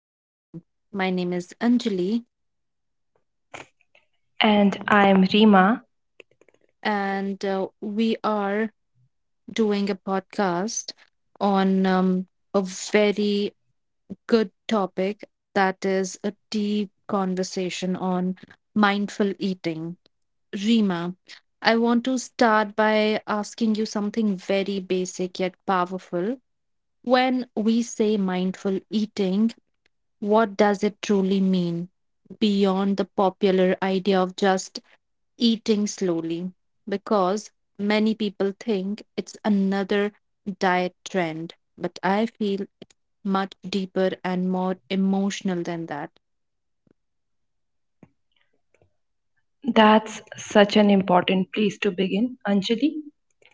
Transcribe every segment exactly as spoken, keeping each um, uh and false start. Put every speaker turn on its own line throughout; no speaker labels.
F M. My name is Anjali,
And I'm Rima.
and uh, we are doing a podcast on um, a very good topic that is a deep conversation on mindful eating. Rima, I want to start by asking you something very basic yet powerful. When we say mindful eating, what does it truly mean beyond the popular idea of just eating slowly? Because many people think it's another diet trend, but I feel much deeper and more emotional than that.
That's such an important place to begin, Anjali,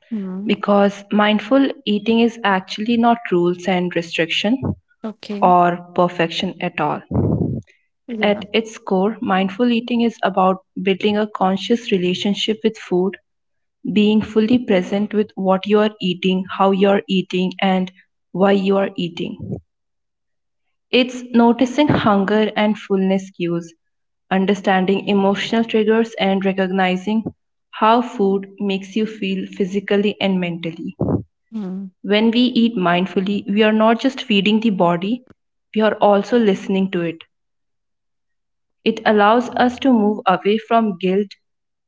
Hmm.
because mindful eating is actually not rules and restriction
Okay.
or perfection at all.
Yeah.
At its core, mindful eating is about building a conscious relationship with food, being fully present with what you are eating, how you are eating, and why you are eating. It's noticing hunger and fullness cues, understanding emotional triggers, and recognizing how food makes you feel physically and mentally.
Hmm.
When we eat mindfully, we are not just feeding the body, we are also listening to it. It allows us to move away from guilt,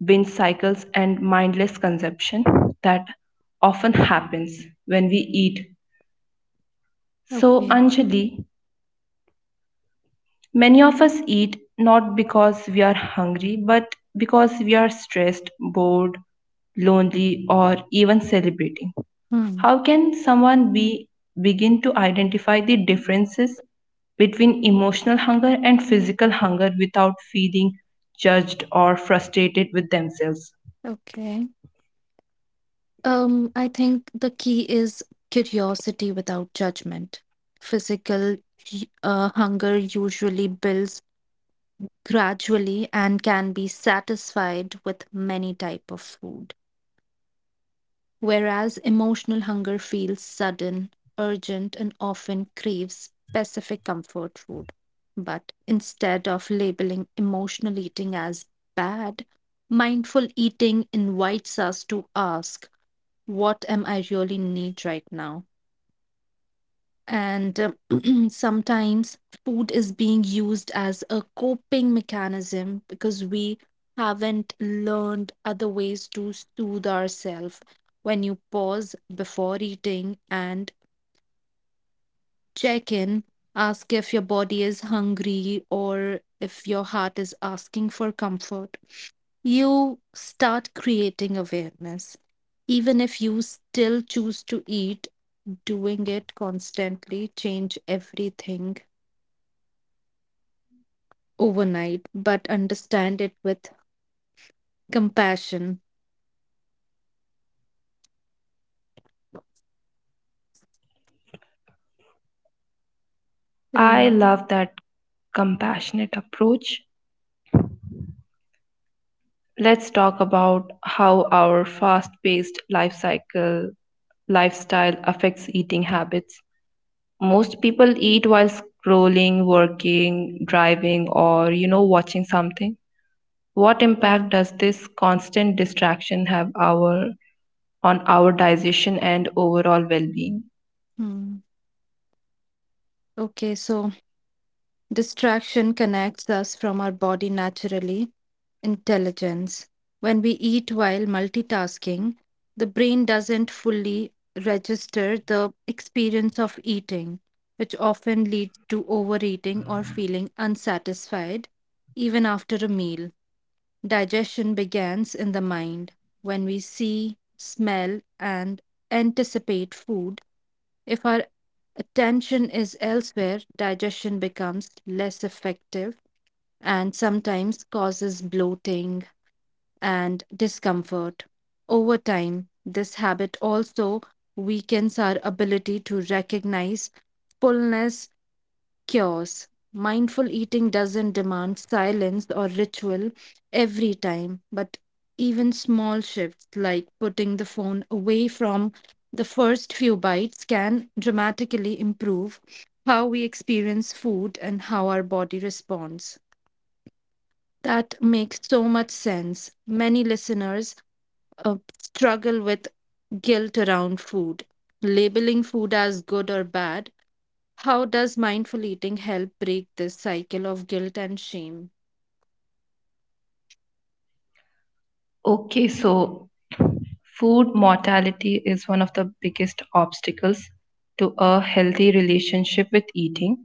binge cycles, and mindless consumption that often happens when we eat. So,
Okay.
Anjali, many of us eat not because we are hungry, but because we are stressed, bored, lonely, or even celebrating.
Hmm.
How can someone be begin to identify the differences between emotional hunger and physical hunger without feeling judged or frustrated with themselves?
Okay. Um, I think the key is curiosity without judgment. Physical y- uh, hunger usually builds gradually and can be satisfied with many type of food, whereas emotional hunger feels sudden, urgent, and often craves specific comfort food. But instead of labeling emotional eating as bad, mindful eating invites us to ask, what am I really need right now? And um, Sometimes food is being used as a coping mechanism because we haven't learned other ways to soothe ourselves. When you pause before eating and check in, ask if your body is hungry or if your heart is asking for comfort, you start creating awareness. Even if you still choose to eat, doing it constantly change everything overnight, but understand it with compassion.
I
Rima,
love that compassionate approach. Let's talk about how our fast paced life cycle lifestyle affects eating habits. Most people eat while scrolling, working, driving, or you know, watching something. What
yeah.
impact does this constant distraction have our on our digestion and overall well being?
Hmm. Okay, so distraction connects us from our body naturally. Intelligence. When we eat while multitasking, the brain doesn't fully register the experience of eating, which often leads to overeating or feeling unsatisfied even after a meal. Digestion begins in the mind when we see, smell, and anticipate food. If our attention is elsewhere, digestion becomes less effective and sometimes causes bloating and discomfort. Over time, this habit also weakens our ability to recognize fullness cures. Mindful eating doesn't demand silence or ritual every time, but even small shifts like putting the phone away from the first few bites can dramatically improve how we experience food and how our body responds. That makes so much sense. Many listeners uh, struggle with guilt around food. Labeling food as good or bad, how does mindful eating help break this cycle of guilt and shame?
Okay, so food mortality is one of the biggest obstacles to a healthy relationship with eating.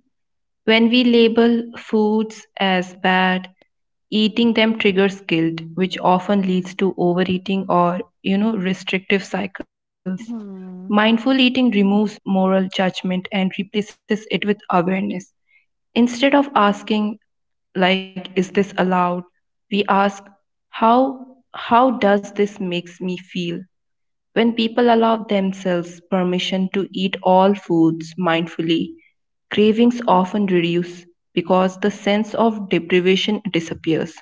When we label foods as bad, eating them triggers guilt, which often leads to overeating or, you know, restrictive cycles.
Hmm.
Mindful eating removes moral judgment and replaces it with awareness. Instead of asking, like, is this allowed? We ask, how how does this makes me feel when people allow themselves permission to eat all foods mindfully? Cravings often reduce because the sense of deprivation disappears.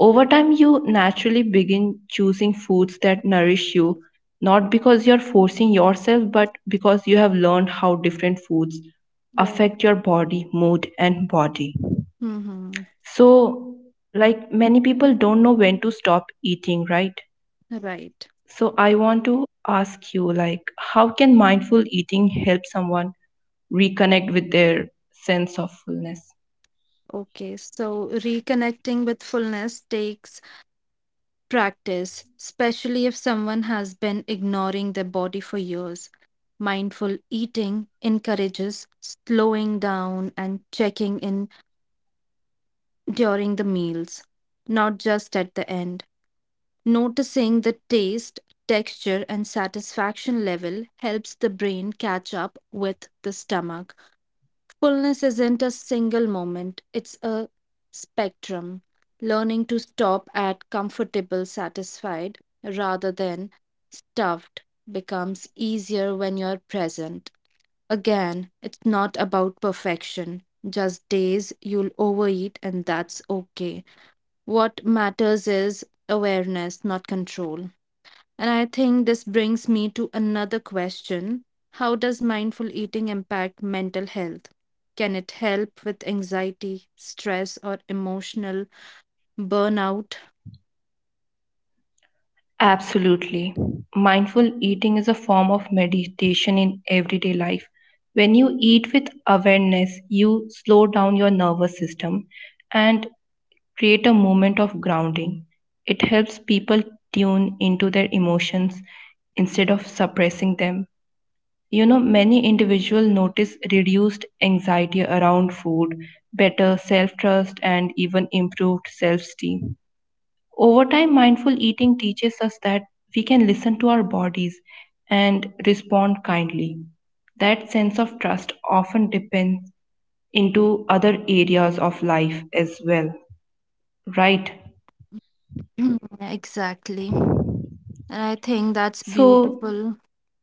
Over time you naturally begin choosing foods that nourish you, not because you're forcing yourself but because you have learned how different foods
Yeah.
affect your body, mood and body.
Mm-hmm.
So, like many people don't know when to stop eating, right?
Right.
So I want to ask you, like how can mindful eating help someone reconnect with their sense of fullness?
Okay. So reconnecting with fullness takes practice, especially if someone has been ignoring their body for years. Mindful eating encourages slowing down and checking in during the meals, not just at the end. Noticing the taste, texture, and satisfaction level helps the brain catch up with the stomach. Fullness isn't a single moment, it's a spectrum. Learning to stop at comfortable, satisfied rather than stuffed becomes easier when you're present. Again, it's not about perfection, just days you'll overeat, and that's okay. What matters is awareness, not control. And I think this brings me to another question, how does mindful eating impact mental health? Can it help with anxiety, stress, or emotional burnout?
Absolutely. Mindful eating is a form of meditation in everyday life. When you eat with awareness, you slow down your nervous system and create a moment of grounding. It helps people tune into their emotions instead of suppressing them. You know, many individuals notice reduced anxiety around food, better self trust, and even improved self esteem. Over time, mindful eating teaches us that we can listen to our bodies and respond kindly. That sense of trust often depends into other areas of life as well, right?
Mm, exactly. And I think that's
So,
beautiful.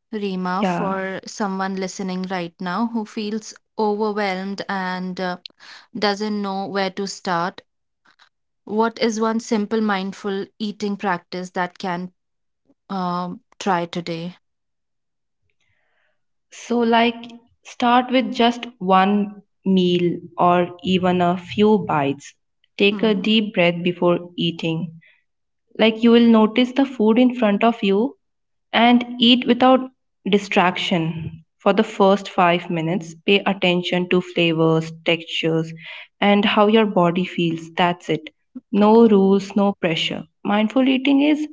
Rima,
yeah.
for someone listening right now who feels overwhelmed and uh, doesn't know where to start. What is one simple mindful eating practice that can um try today?
So, like, start with just one meal or even a few bites. Take a deep breath before eating. Like you will notice the food in front of you and eat without distraction. For the first five minutes, pay attention to flavors, textures, and how your body feels. That's it. No rules, no pressure. Mindful eating is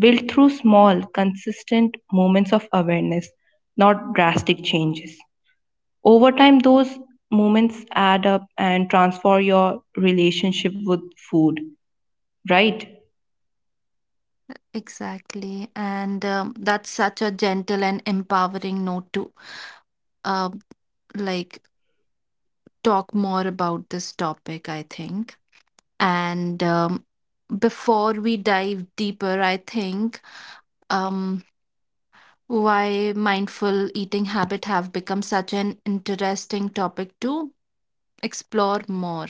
built through small, consistent moments of awareness, not drastic changes. Over time, those moments add up and transform your relationship with food, right?
Exactly. And um, that's such a gentle and empowering note to uh, like talk more about this topic, I think. And um, before we dive deeper, I think um, why mindful eating habit have become such an interesting topic to explore more.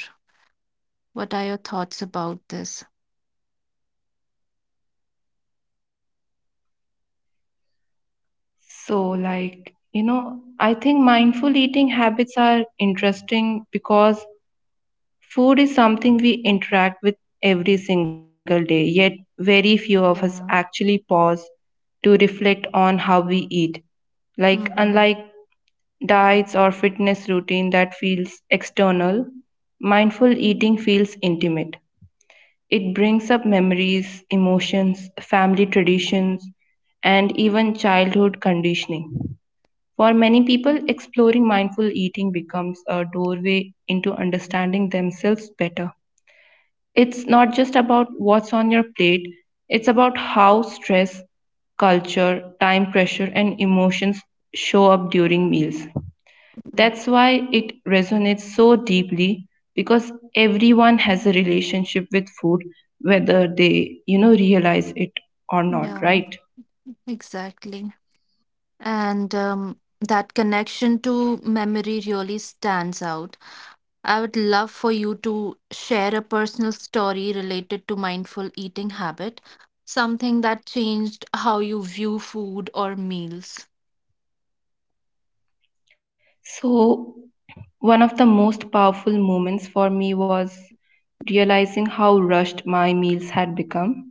What are your thoughts about this?
So, like, you know, I think mindful eating habits are interesting because food is something we interact with every single day, yet, very few of us
Yeah.
actually pause to reflect on how we eat. Like,
Hmm.
unlike diets or fitness routine that feels external, mindful eating feels intimate. It brings up memories, emotions, family traditions, and even childhood conditioning. For many people, exploring mindful eating becomes a doorway into understanding themselves better. It's not just about what's on your plate, it's about how stress, culture, time pressure, and emotions show up during meals. That's why it resonates so deeply because everyone has a relationship with food whether they you know realize it or not,
Yeah,
right?
exactly. and um, that connection to memory really stands out. I would love for you to share a personal story related to mindful eating habit, something that changed how you view food or meals.
So one of the most powerful moments for me was realizing how rushed my meals had become.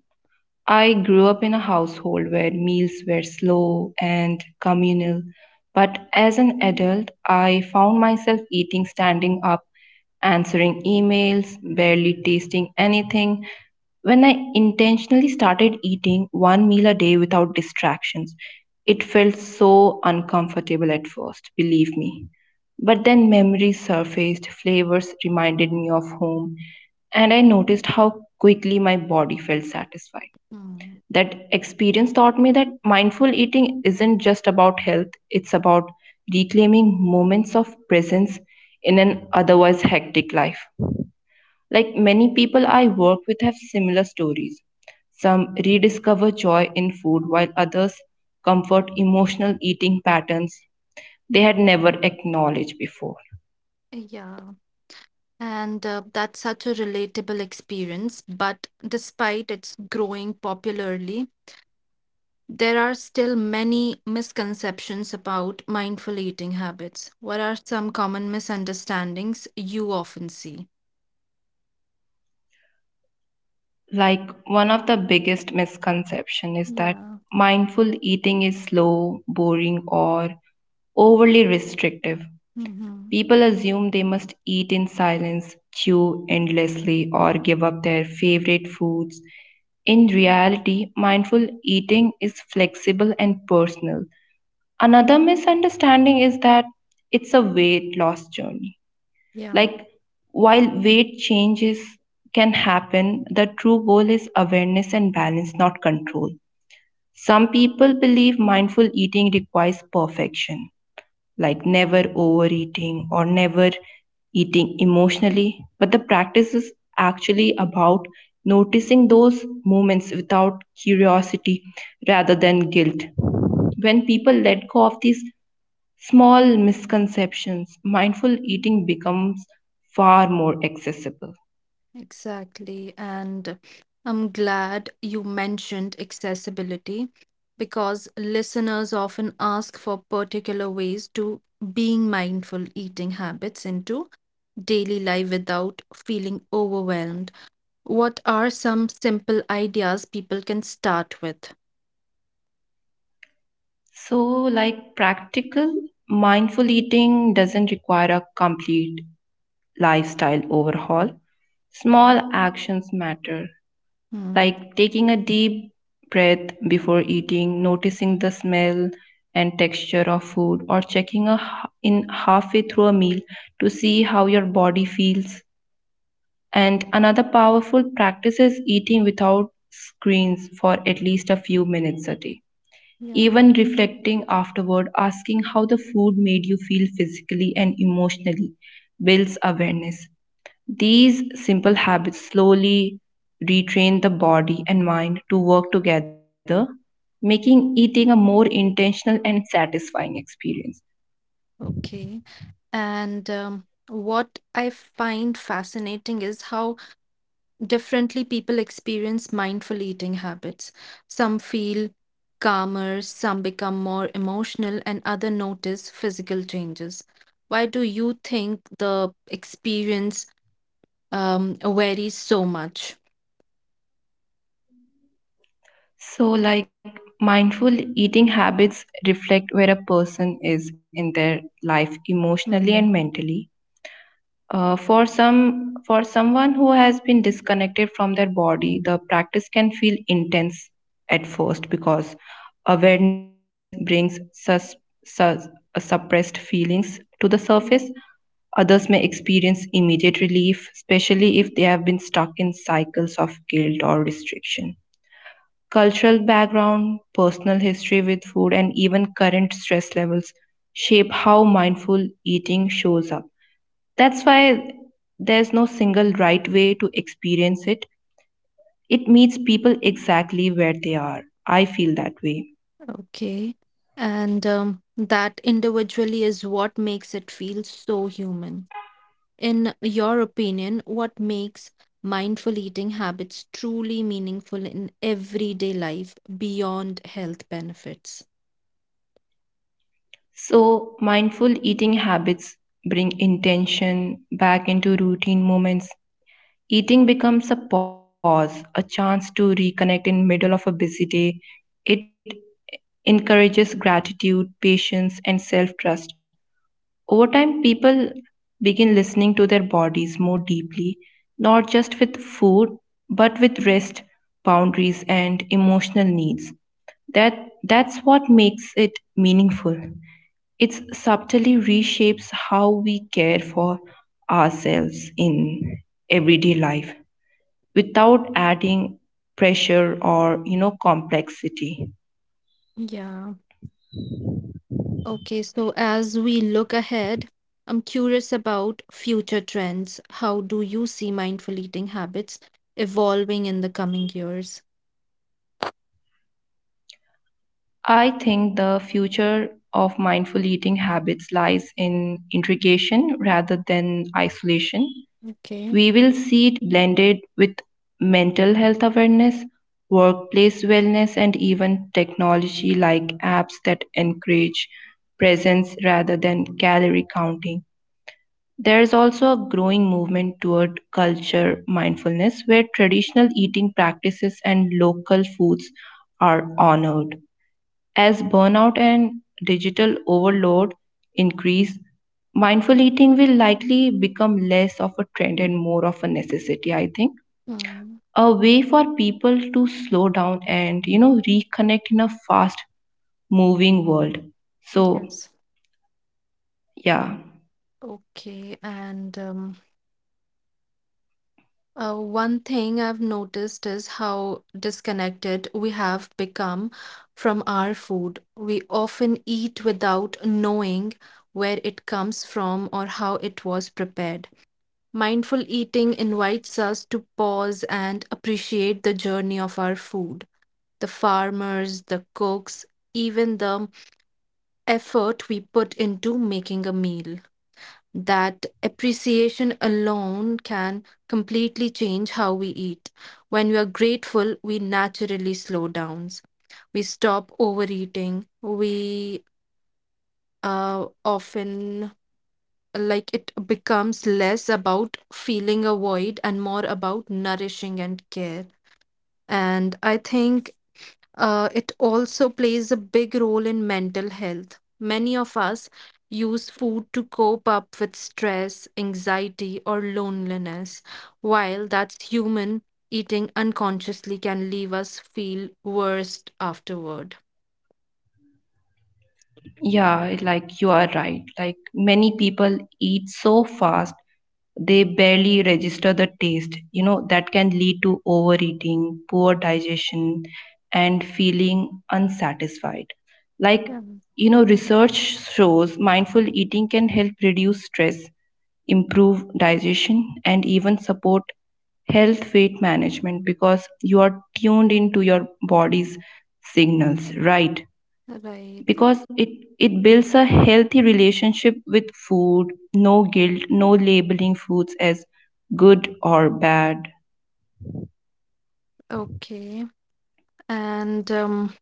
I grew up in a household where meals were slow and communal, but as an adult, I found myself eating standing up, answering emails, barely tasting anything. When I intentionally started eating one meal a day without distractions, it felt so uncomfortable at first, believe me. But then memories surfaced, flavors reminded me of home, and I noticed how quickly my body felt satisfied.
Hmm.
That experience taught me that mindful eating isn't just about health, it's about reclaiming moments of presence in an otherwise hectic life. Like many people I work with have similar stories. Some rediscover joy in food, while others comfort emotional eating patterns they had never acknowledged before.
Yeah. And uh, that's such a relatable experience. But despite its growing popularly, there are still many misconceptions about mindful eating habits. What are some common misunderstandings you often see?
like one of the biggest misconception is that
Yeah.
mindful eating is slow boring or overly restrictive.
Hmm.
People assume they must eat in silence, chew endlessly, or give up their favorite foods. In reality mindful eating is flexible and personal. Another misunderstanding is that it's a weight loss journey.
Yeah.
like, while weight changes can happen, the true goal is awareness and balance, not control. Some people believe mindful eating requires perfection, like never overeating or never eating emotionally, but the practice is actually about noticing those moments without curiosity rather than guilt. When people let go of these small misconceptions, mindful eating becomes far more accessible.
Exactly. And I'm glad you mentioned accessibility because listeners often ask for particular ways to being mindful eating habits into daily life without feeling overwhelmed. What are some simple ideas people can start with?
So, like practical, mindful eating doesn't require a complete lifestyle overhaul.
Yeah.
Small actions matter,
Hmm.
like taking a deep breath before eating, noticing the smell and texture of food, or checking a, h- in halfway through a meal to see how your body feels. And another powerful practice is eating without screens for at least a few minutes a day.
Yeah.
Even reflecting afterward, asking how the food made you feel physically and emotionally builds awareness. These simple habits slowly retrain the body and mind to work together, making eating a more intentional and satisfying experience.
Okay. And um, what I find fascinating is how differently people experience mindful eating habits. Some feel calmer, some become more emotional, and other notice physical changes. Why do you think the experience um, varies so much?
So, like mindful eating habits reflect where a person is in their life emotionally and
Hmm.
mentally. Uh, for some, for someone who has been disconnected from their body, the practice can feel intense at first because awareness brings sus- sus- uh, suppressed feelings to the surface.
Yeah.
Others may experience immediate relief, especially if they have been stuck in cycles of guilt or restriction. Cultural background, personal history with food, and even current stress levels shape how mindful eating shows up. That's why there's no single right way to experience it. It meets people exactly where they are. I feel that way.
Okay. And um, that individually is what makes it feel so human. In your opinion, what makes mindful eating habits truly meaningful in everyday life beyond health benefits?
So, mindful eating habits bring intention back into routine moments. Eating becomes a pause, a chance to reconnect in middle of a busy day. It encourages gratitude, patience, and self trust. Over time, people begin listening to their bodies more deeply, not just with food, but with rest, boundaries, and emotional needs. That, that's what makes it meaningful. It subtly reshapes how we care for ourselves in everyday life without adding pressure or you know complexity.
Yeah. Okay, so as we look ahead, I'm curious about future trends. How do you see mindful eating habits evolving in the coming years?
I think the future of mindful eating habits lies in integration rather than isolation.
Okay.
We will see it blended with mental health awareness, workplace wellness, and even technology like apps that encourage presence rather than calorie counting. There is also a growing movement toward culture mindfulness where traditional eating practices and local foods are honored. As burnout and digital overload increase, mindful eating will likely become less of a trend and more of a necessity, I think.
Mm,
A way for people to slow down and, you know, reconnect in a fast moving world. So,
yes.
yeah,
Okay, and um, uh, one thing I've noticed is how disconnected we have become from our food. We often eat without knowing where it comes from or how it was prepared. Mindful eating invites us to pause and appreciate the journey of our food, the farmers, the cooks, even the effort we put into making a meal. That appreciation alone can completely change how we eat. When we are grateful, we naturally slow down. We stop overeating. We uh, often like it becomes less about feeling a void and more about nourishing and care. And I think uh, it also plays a big role in mental health. Many of us use food to cope up with stress, anxiety, or loneliness. While that's human, eating unconsciously can leave us feel worse afterward.
yeah, like you are right. Like many people eat so fast they barely register the taste. You know, that can lead to overeating, poor digestion, and feeling unsatisfied. Like,
Yeah,
you know, research shows mindful eating can help reduce stress, improve digestion, and even support health weight management because you are tuned into your body's signals, right?
right.
Because it it builds a healthy relationship with food, no guilt, no labeling foods as good or bad.
Okay. And um,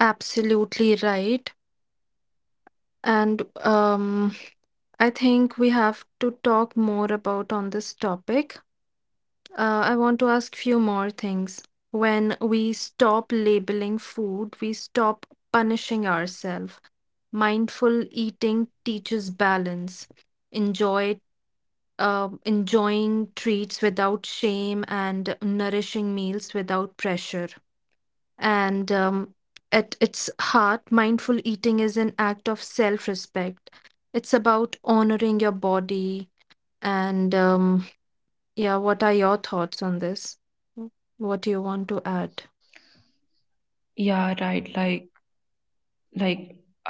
absolutely right. And um, I think we have to talk more about on this topic. Uh, I want to ask few more things. When we stop labeling food, we stop punishing ourselves. Mindful eating teaches balance. Enjoy, uh, enjoying treats without shame and nourishing meals without pressure. And um, at its heart, mindful eating is an act of self-respect. It's about honoring your body and um, yeah, what are your thoughts on this? W- What do you want to add?
Yeah, right. Like like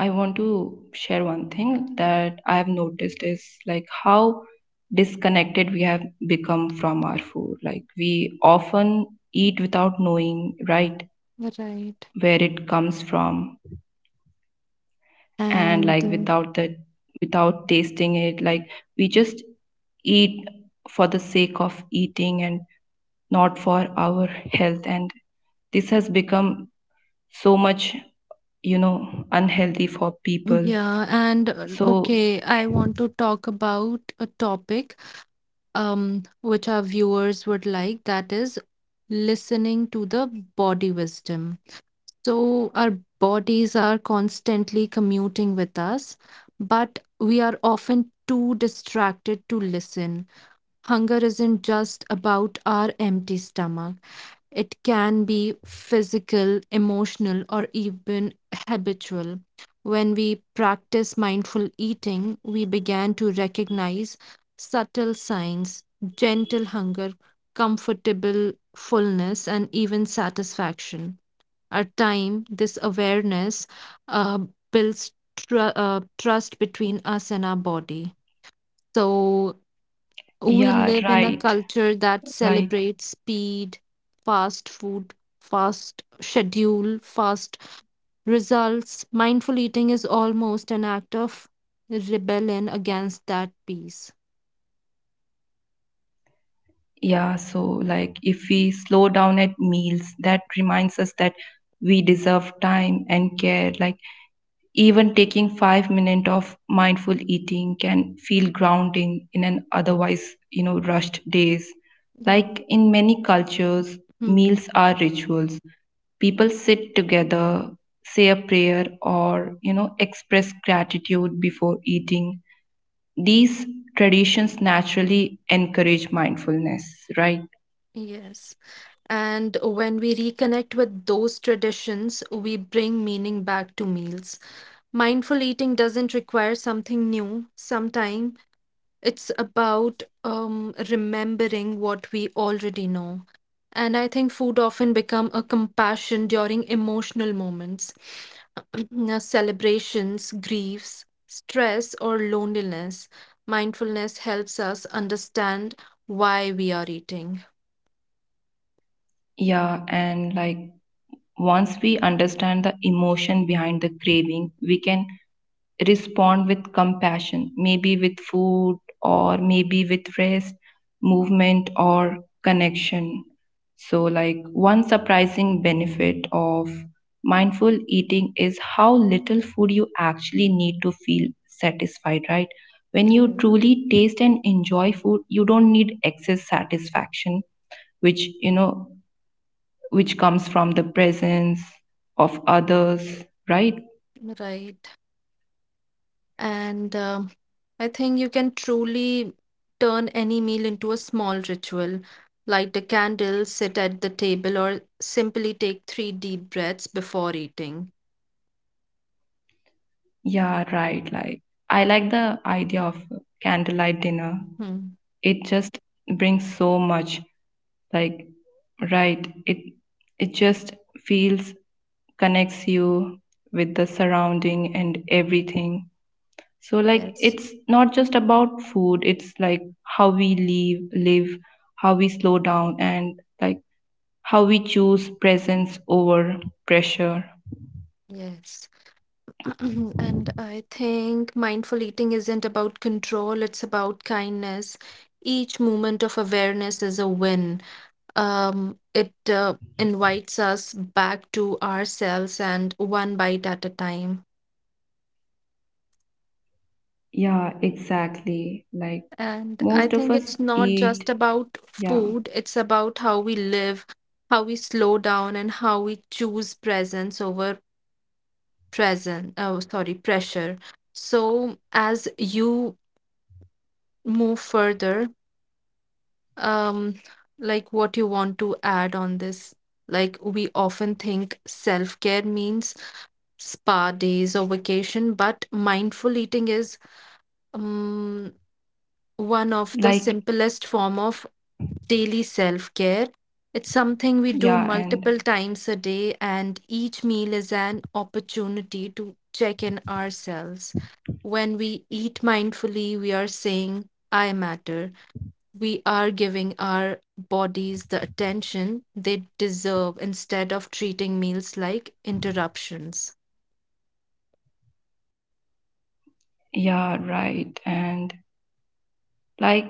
I want to share one thing that I have noticed is like how disconnected we have become from our food. Like we often eat without knowing, right,
Right.
where it comes from and
And
like
uh,
without the without tasting it. like we just eat for the sake of eating and not for our health, and this has become so much, you know unhealthy for
yeah,
people.
and uh, okay,
So
I want to talk about a topic um which our viewers would like, that is listening to the body wisdom. So our bodies are constantly commuting with us, but we are often too distracted to listen. Hunger isn't just about our empty stomach. It can be physical, emotional, or even habitual. When we practice mindful eating, we began to recognize subtle signs, gentle hunger, comfortable fullness, and even satisfaction. Our time, this awareness uh, builds tr- uh, trust between us and our body. So, we
yeah,
live in a
right.
culture that
like
celebrates speed, fast food, fast schedule, fast results. Mindful eating is almost an act of rebellion against that peace.
yeah, so like if we slow down at meals that reminds us that we deserve time and care. Like even taking five minutes of mindful eating can feel grounding in an otherwise, you know, rushed days.
Yeah.
Like in many cultures,
Hmm.
meals are rituals. People sit together, say a prayer, or, you know, express gratitude before eating. These traditions naturally encourage mindfulness, right?
Yes. And when we reconnect with those traditions, we bring meaning back to meals. Mindful eating doesn't require something new. Sometimes it's about um, remembering what we already know. And I think food often become a compassion during emotional moments, now, celebrations, griefs, stress, or loneliness. Mindfulness helps us understand why we are eating.
Yeah, and like once we understand the emotion behind the craving, we can respond with compassion, maybe with food or maybe with rest, movement, or connection. So, like, one surprising benefit of mindful eating is how little food you actually need to feel satisfied, right? When you
Right.
truly taste and enjoy food, you don't need excess satisfaction, which, you know, which comes from the presence of others, right?
Right. And um I think you can truly turn any meal into a small ritual. Light a candle, sit at the table, or simply take three deep breaths before eating.
Yeah, right. Like, I like the idea of candlelight dinner.
Hmm.
It just brings so much. Like, right. It it just feels, connects you with the surrounding and everything. So like
Yes,
it's not just about food, it's like how we live, live, how we slow down and like how we choose presence over pressure.
yes. And I think mindful eating isn't about control, it's about kindness. Each moment of awareness is a win. Um, it uh, invites us back to ourselves and one bite at a time.
Yeah, exactly. Like
And I
most of
think it's
us
not just
eat.
about
Yeah.
food, it's about how we live, how we slow down, and how we choose presence over present, oh, sorry, pressure. So as you move further, um, like what you want to add on this? Like we often think self-care means spa days or vacation, but mindful eating is um, one of the
Like
simplest form of daily self care. It's something we do
yeah.
multiple
And
times a day, and each meal is an opportunity to check in ourselves. When we eat mindfully, we are saying, I matter. We are giving our bodies the attention they deserve instead of treating meals like interruptions.
yeah, right. And like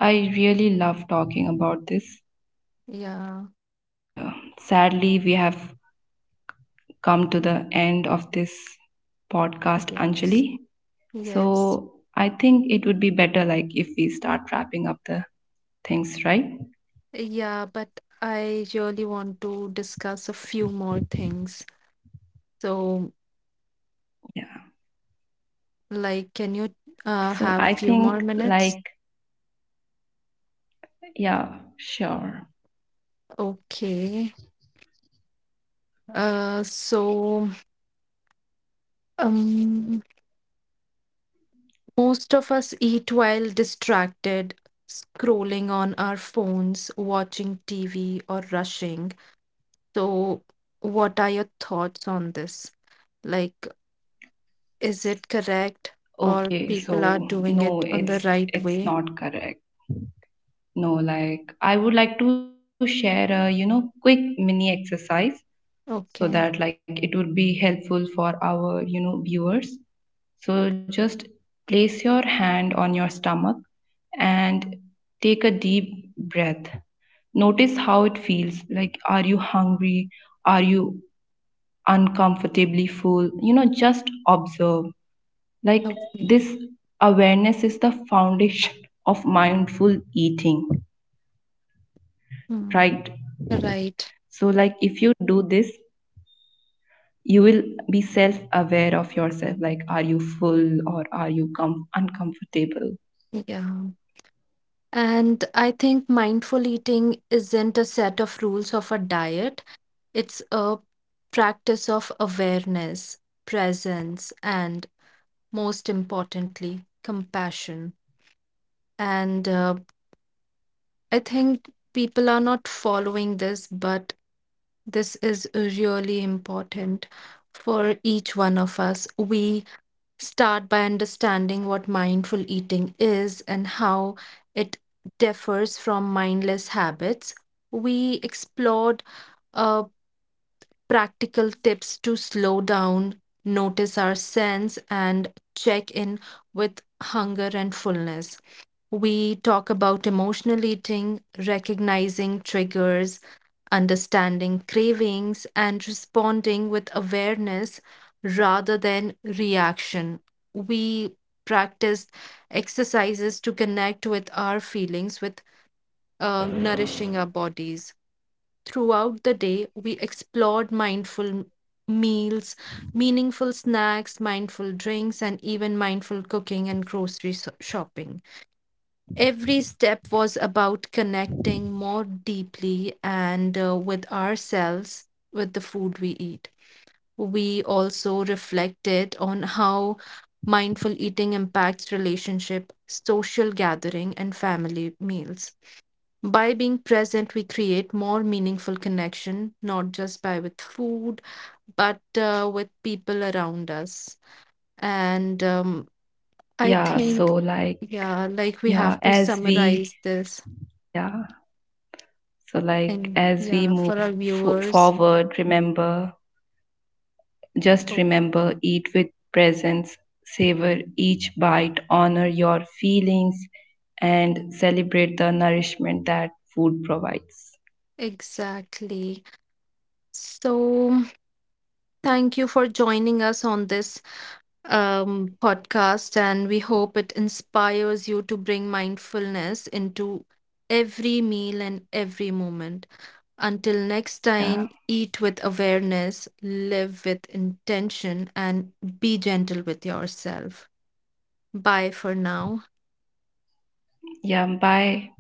I really love talking about this,
Yeah,
but uh, sadly we have come to the end of this podcast, Anjali.
yes,
So
yes.
I think it would be better, like if we start wrapping up the things, right?
Yeah, but I really want to discuss a few more things. So,
Yeah,
like, can you uh, have
so
few
I
more
think
minutes?
like yeah, sure.
Okay. Uh, so um, most of us eat while distracted, scrolling on our phones, watching T V, or rushing. So, what are your thoughts on this? Like, is it correct, or people
Okay,
are
so
doing it on the
no,
right
it's
way?
it's not correct. No, like I would like to share a, you know, quick mini exercise
Okay.
so that like it would be helpful for our, you know, viewers. So just place your hand on your stomach and take a deep breath. Notice how it feels. Like, are you hungry? Are you uncomfortably full? You know, just observe. Like,
Okay.
this awareness is the foundation of mindful eating,
Hmm.
right?
Right.
So, like, if you do this, you will be self aware of yourself. Like, are you full or are you com- uncomfortable?
Yeah. And I think mindful eating isn't a set of rules of a diet, it's a practice of awareness, presence, and most importantly, compassion. And uh, I think people are not following this, but this is really important for each one of us. We start by understanding what mindful eating is and how it differs from mindless habits. We explored uh, practical tips to slow down, notice our sense, and check in with hunger and fullness. We talk about emotional eating, recognizing triggers, understanding cravings, and responding with awareness rather than reaction. We practice exercises to connect with our feelings, with uh, nourishing our bodies. Throughout the day, we explored mindful meals, meaningful snacks, mindful drinks, and even mindful cooking and grocery so- shopping. Every step was about connecting more deeply and uh, with ourselves, with the food we eat. We also reflected on how mindful eating impacts relationship, social gathering, and family meals. By being present, we create more meaningful connection, not just by with food, but uh, with people around us. And um, I
Yeah.
think,
So, like,
yeah, like we
yeah,
have to
as we,
summarize this
yeah. So, like,
and
as we
yeah,
move
for our
f-
viewers.
forward, remember, just
Okay,
remember, eat with presence, savor each bite, honor your feelings, and celebrate the nourishment that food provides.
exactly. So thank you for joining us on this um, podcast, and we hope it inspires you to bring mindfulness into every meal and every moment. Until next
Yeah.
time, eat with awareness, live with intention, and be gentle with yourself. Bye for now.
Yeah. Bye.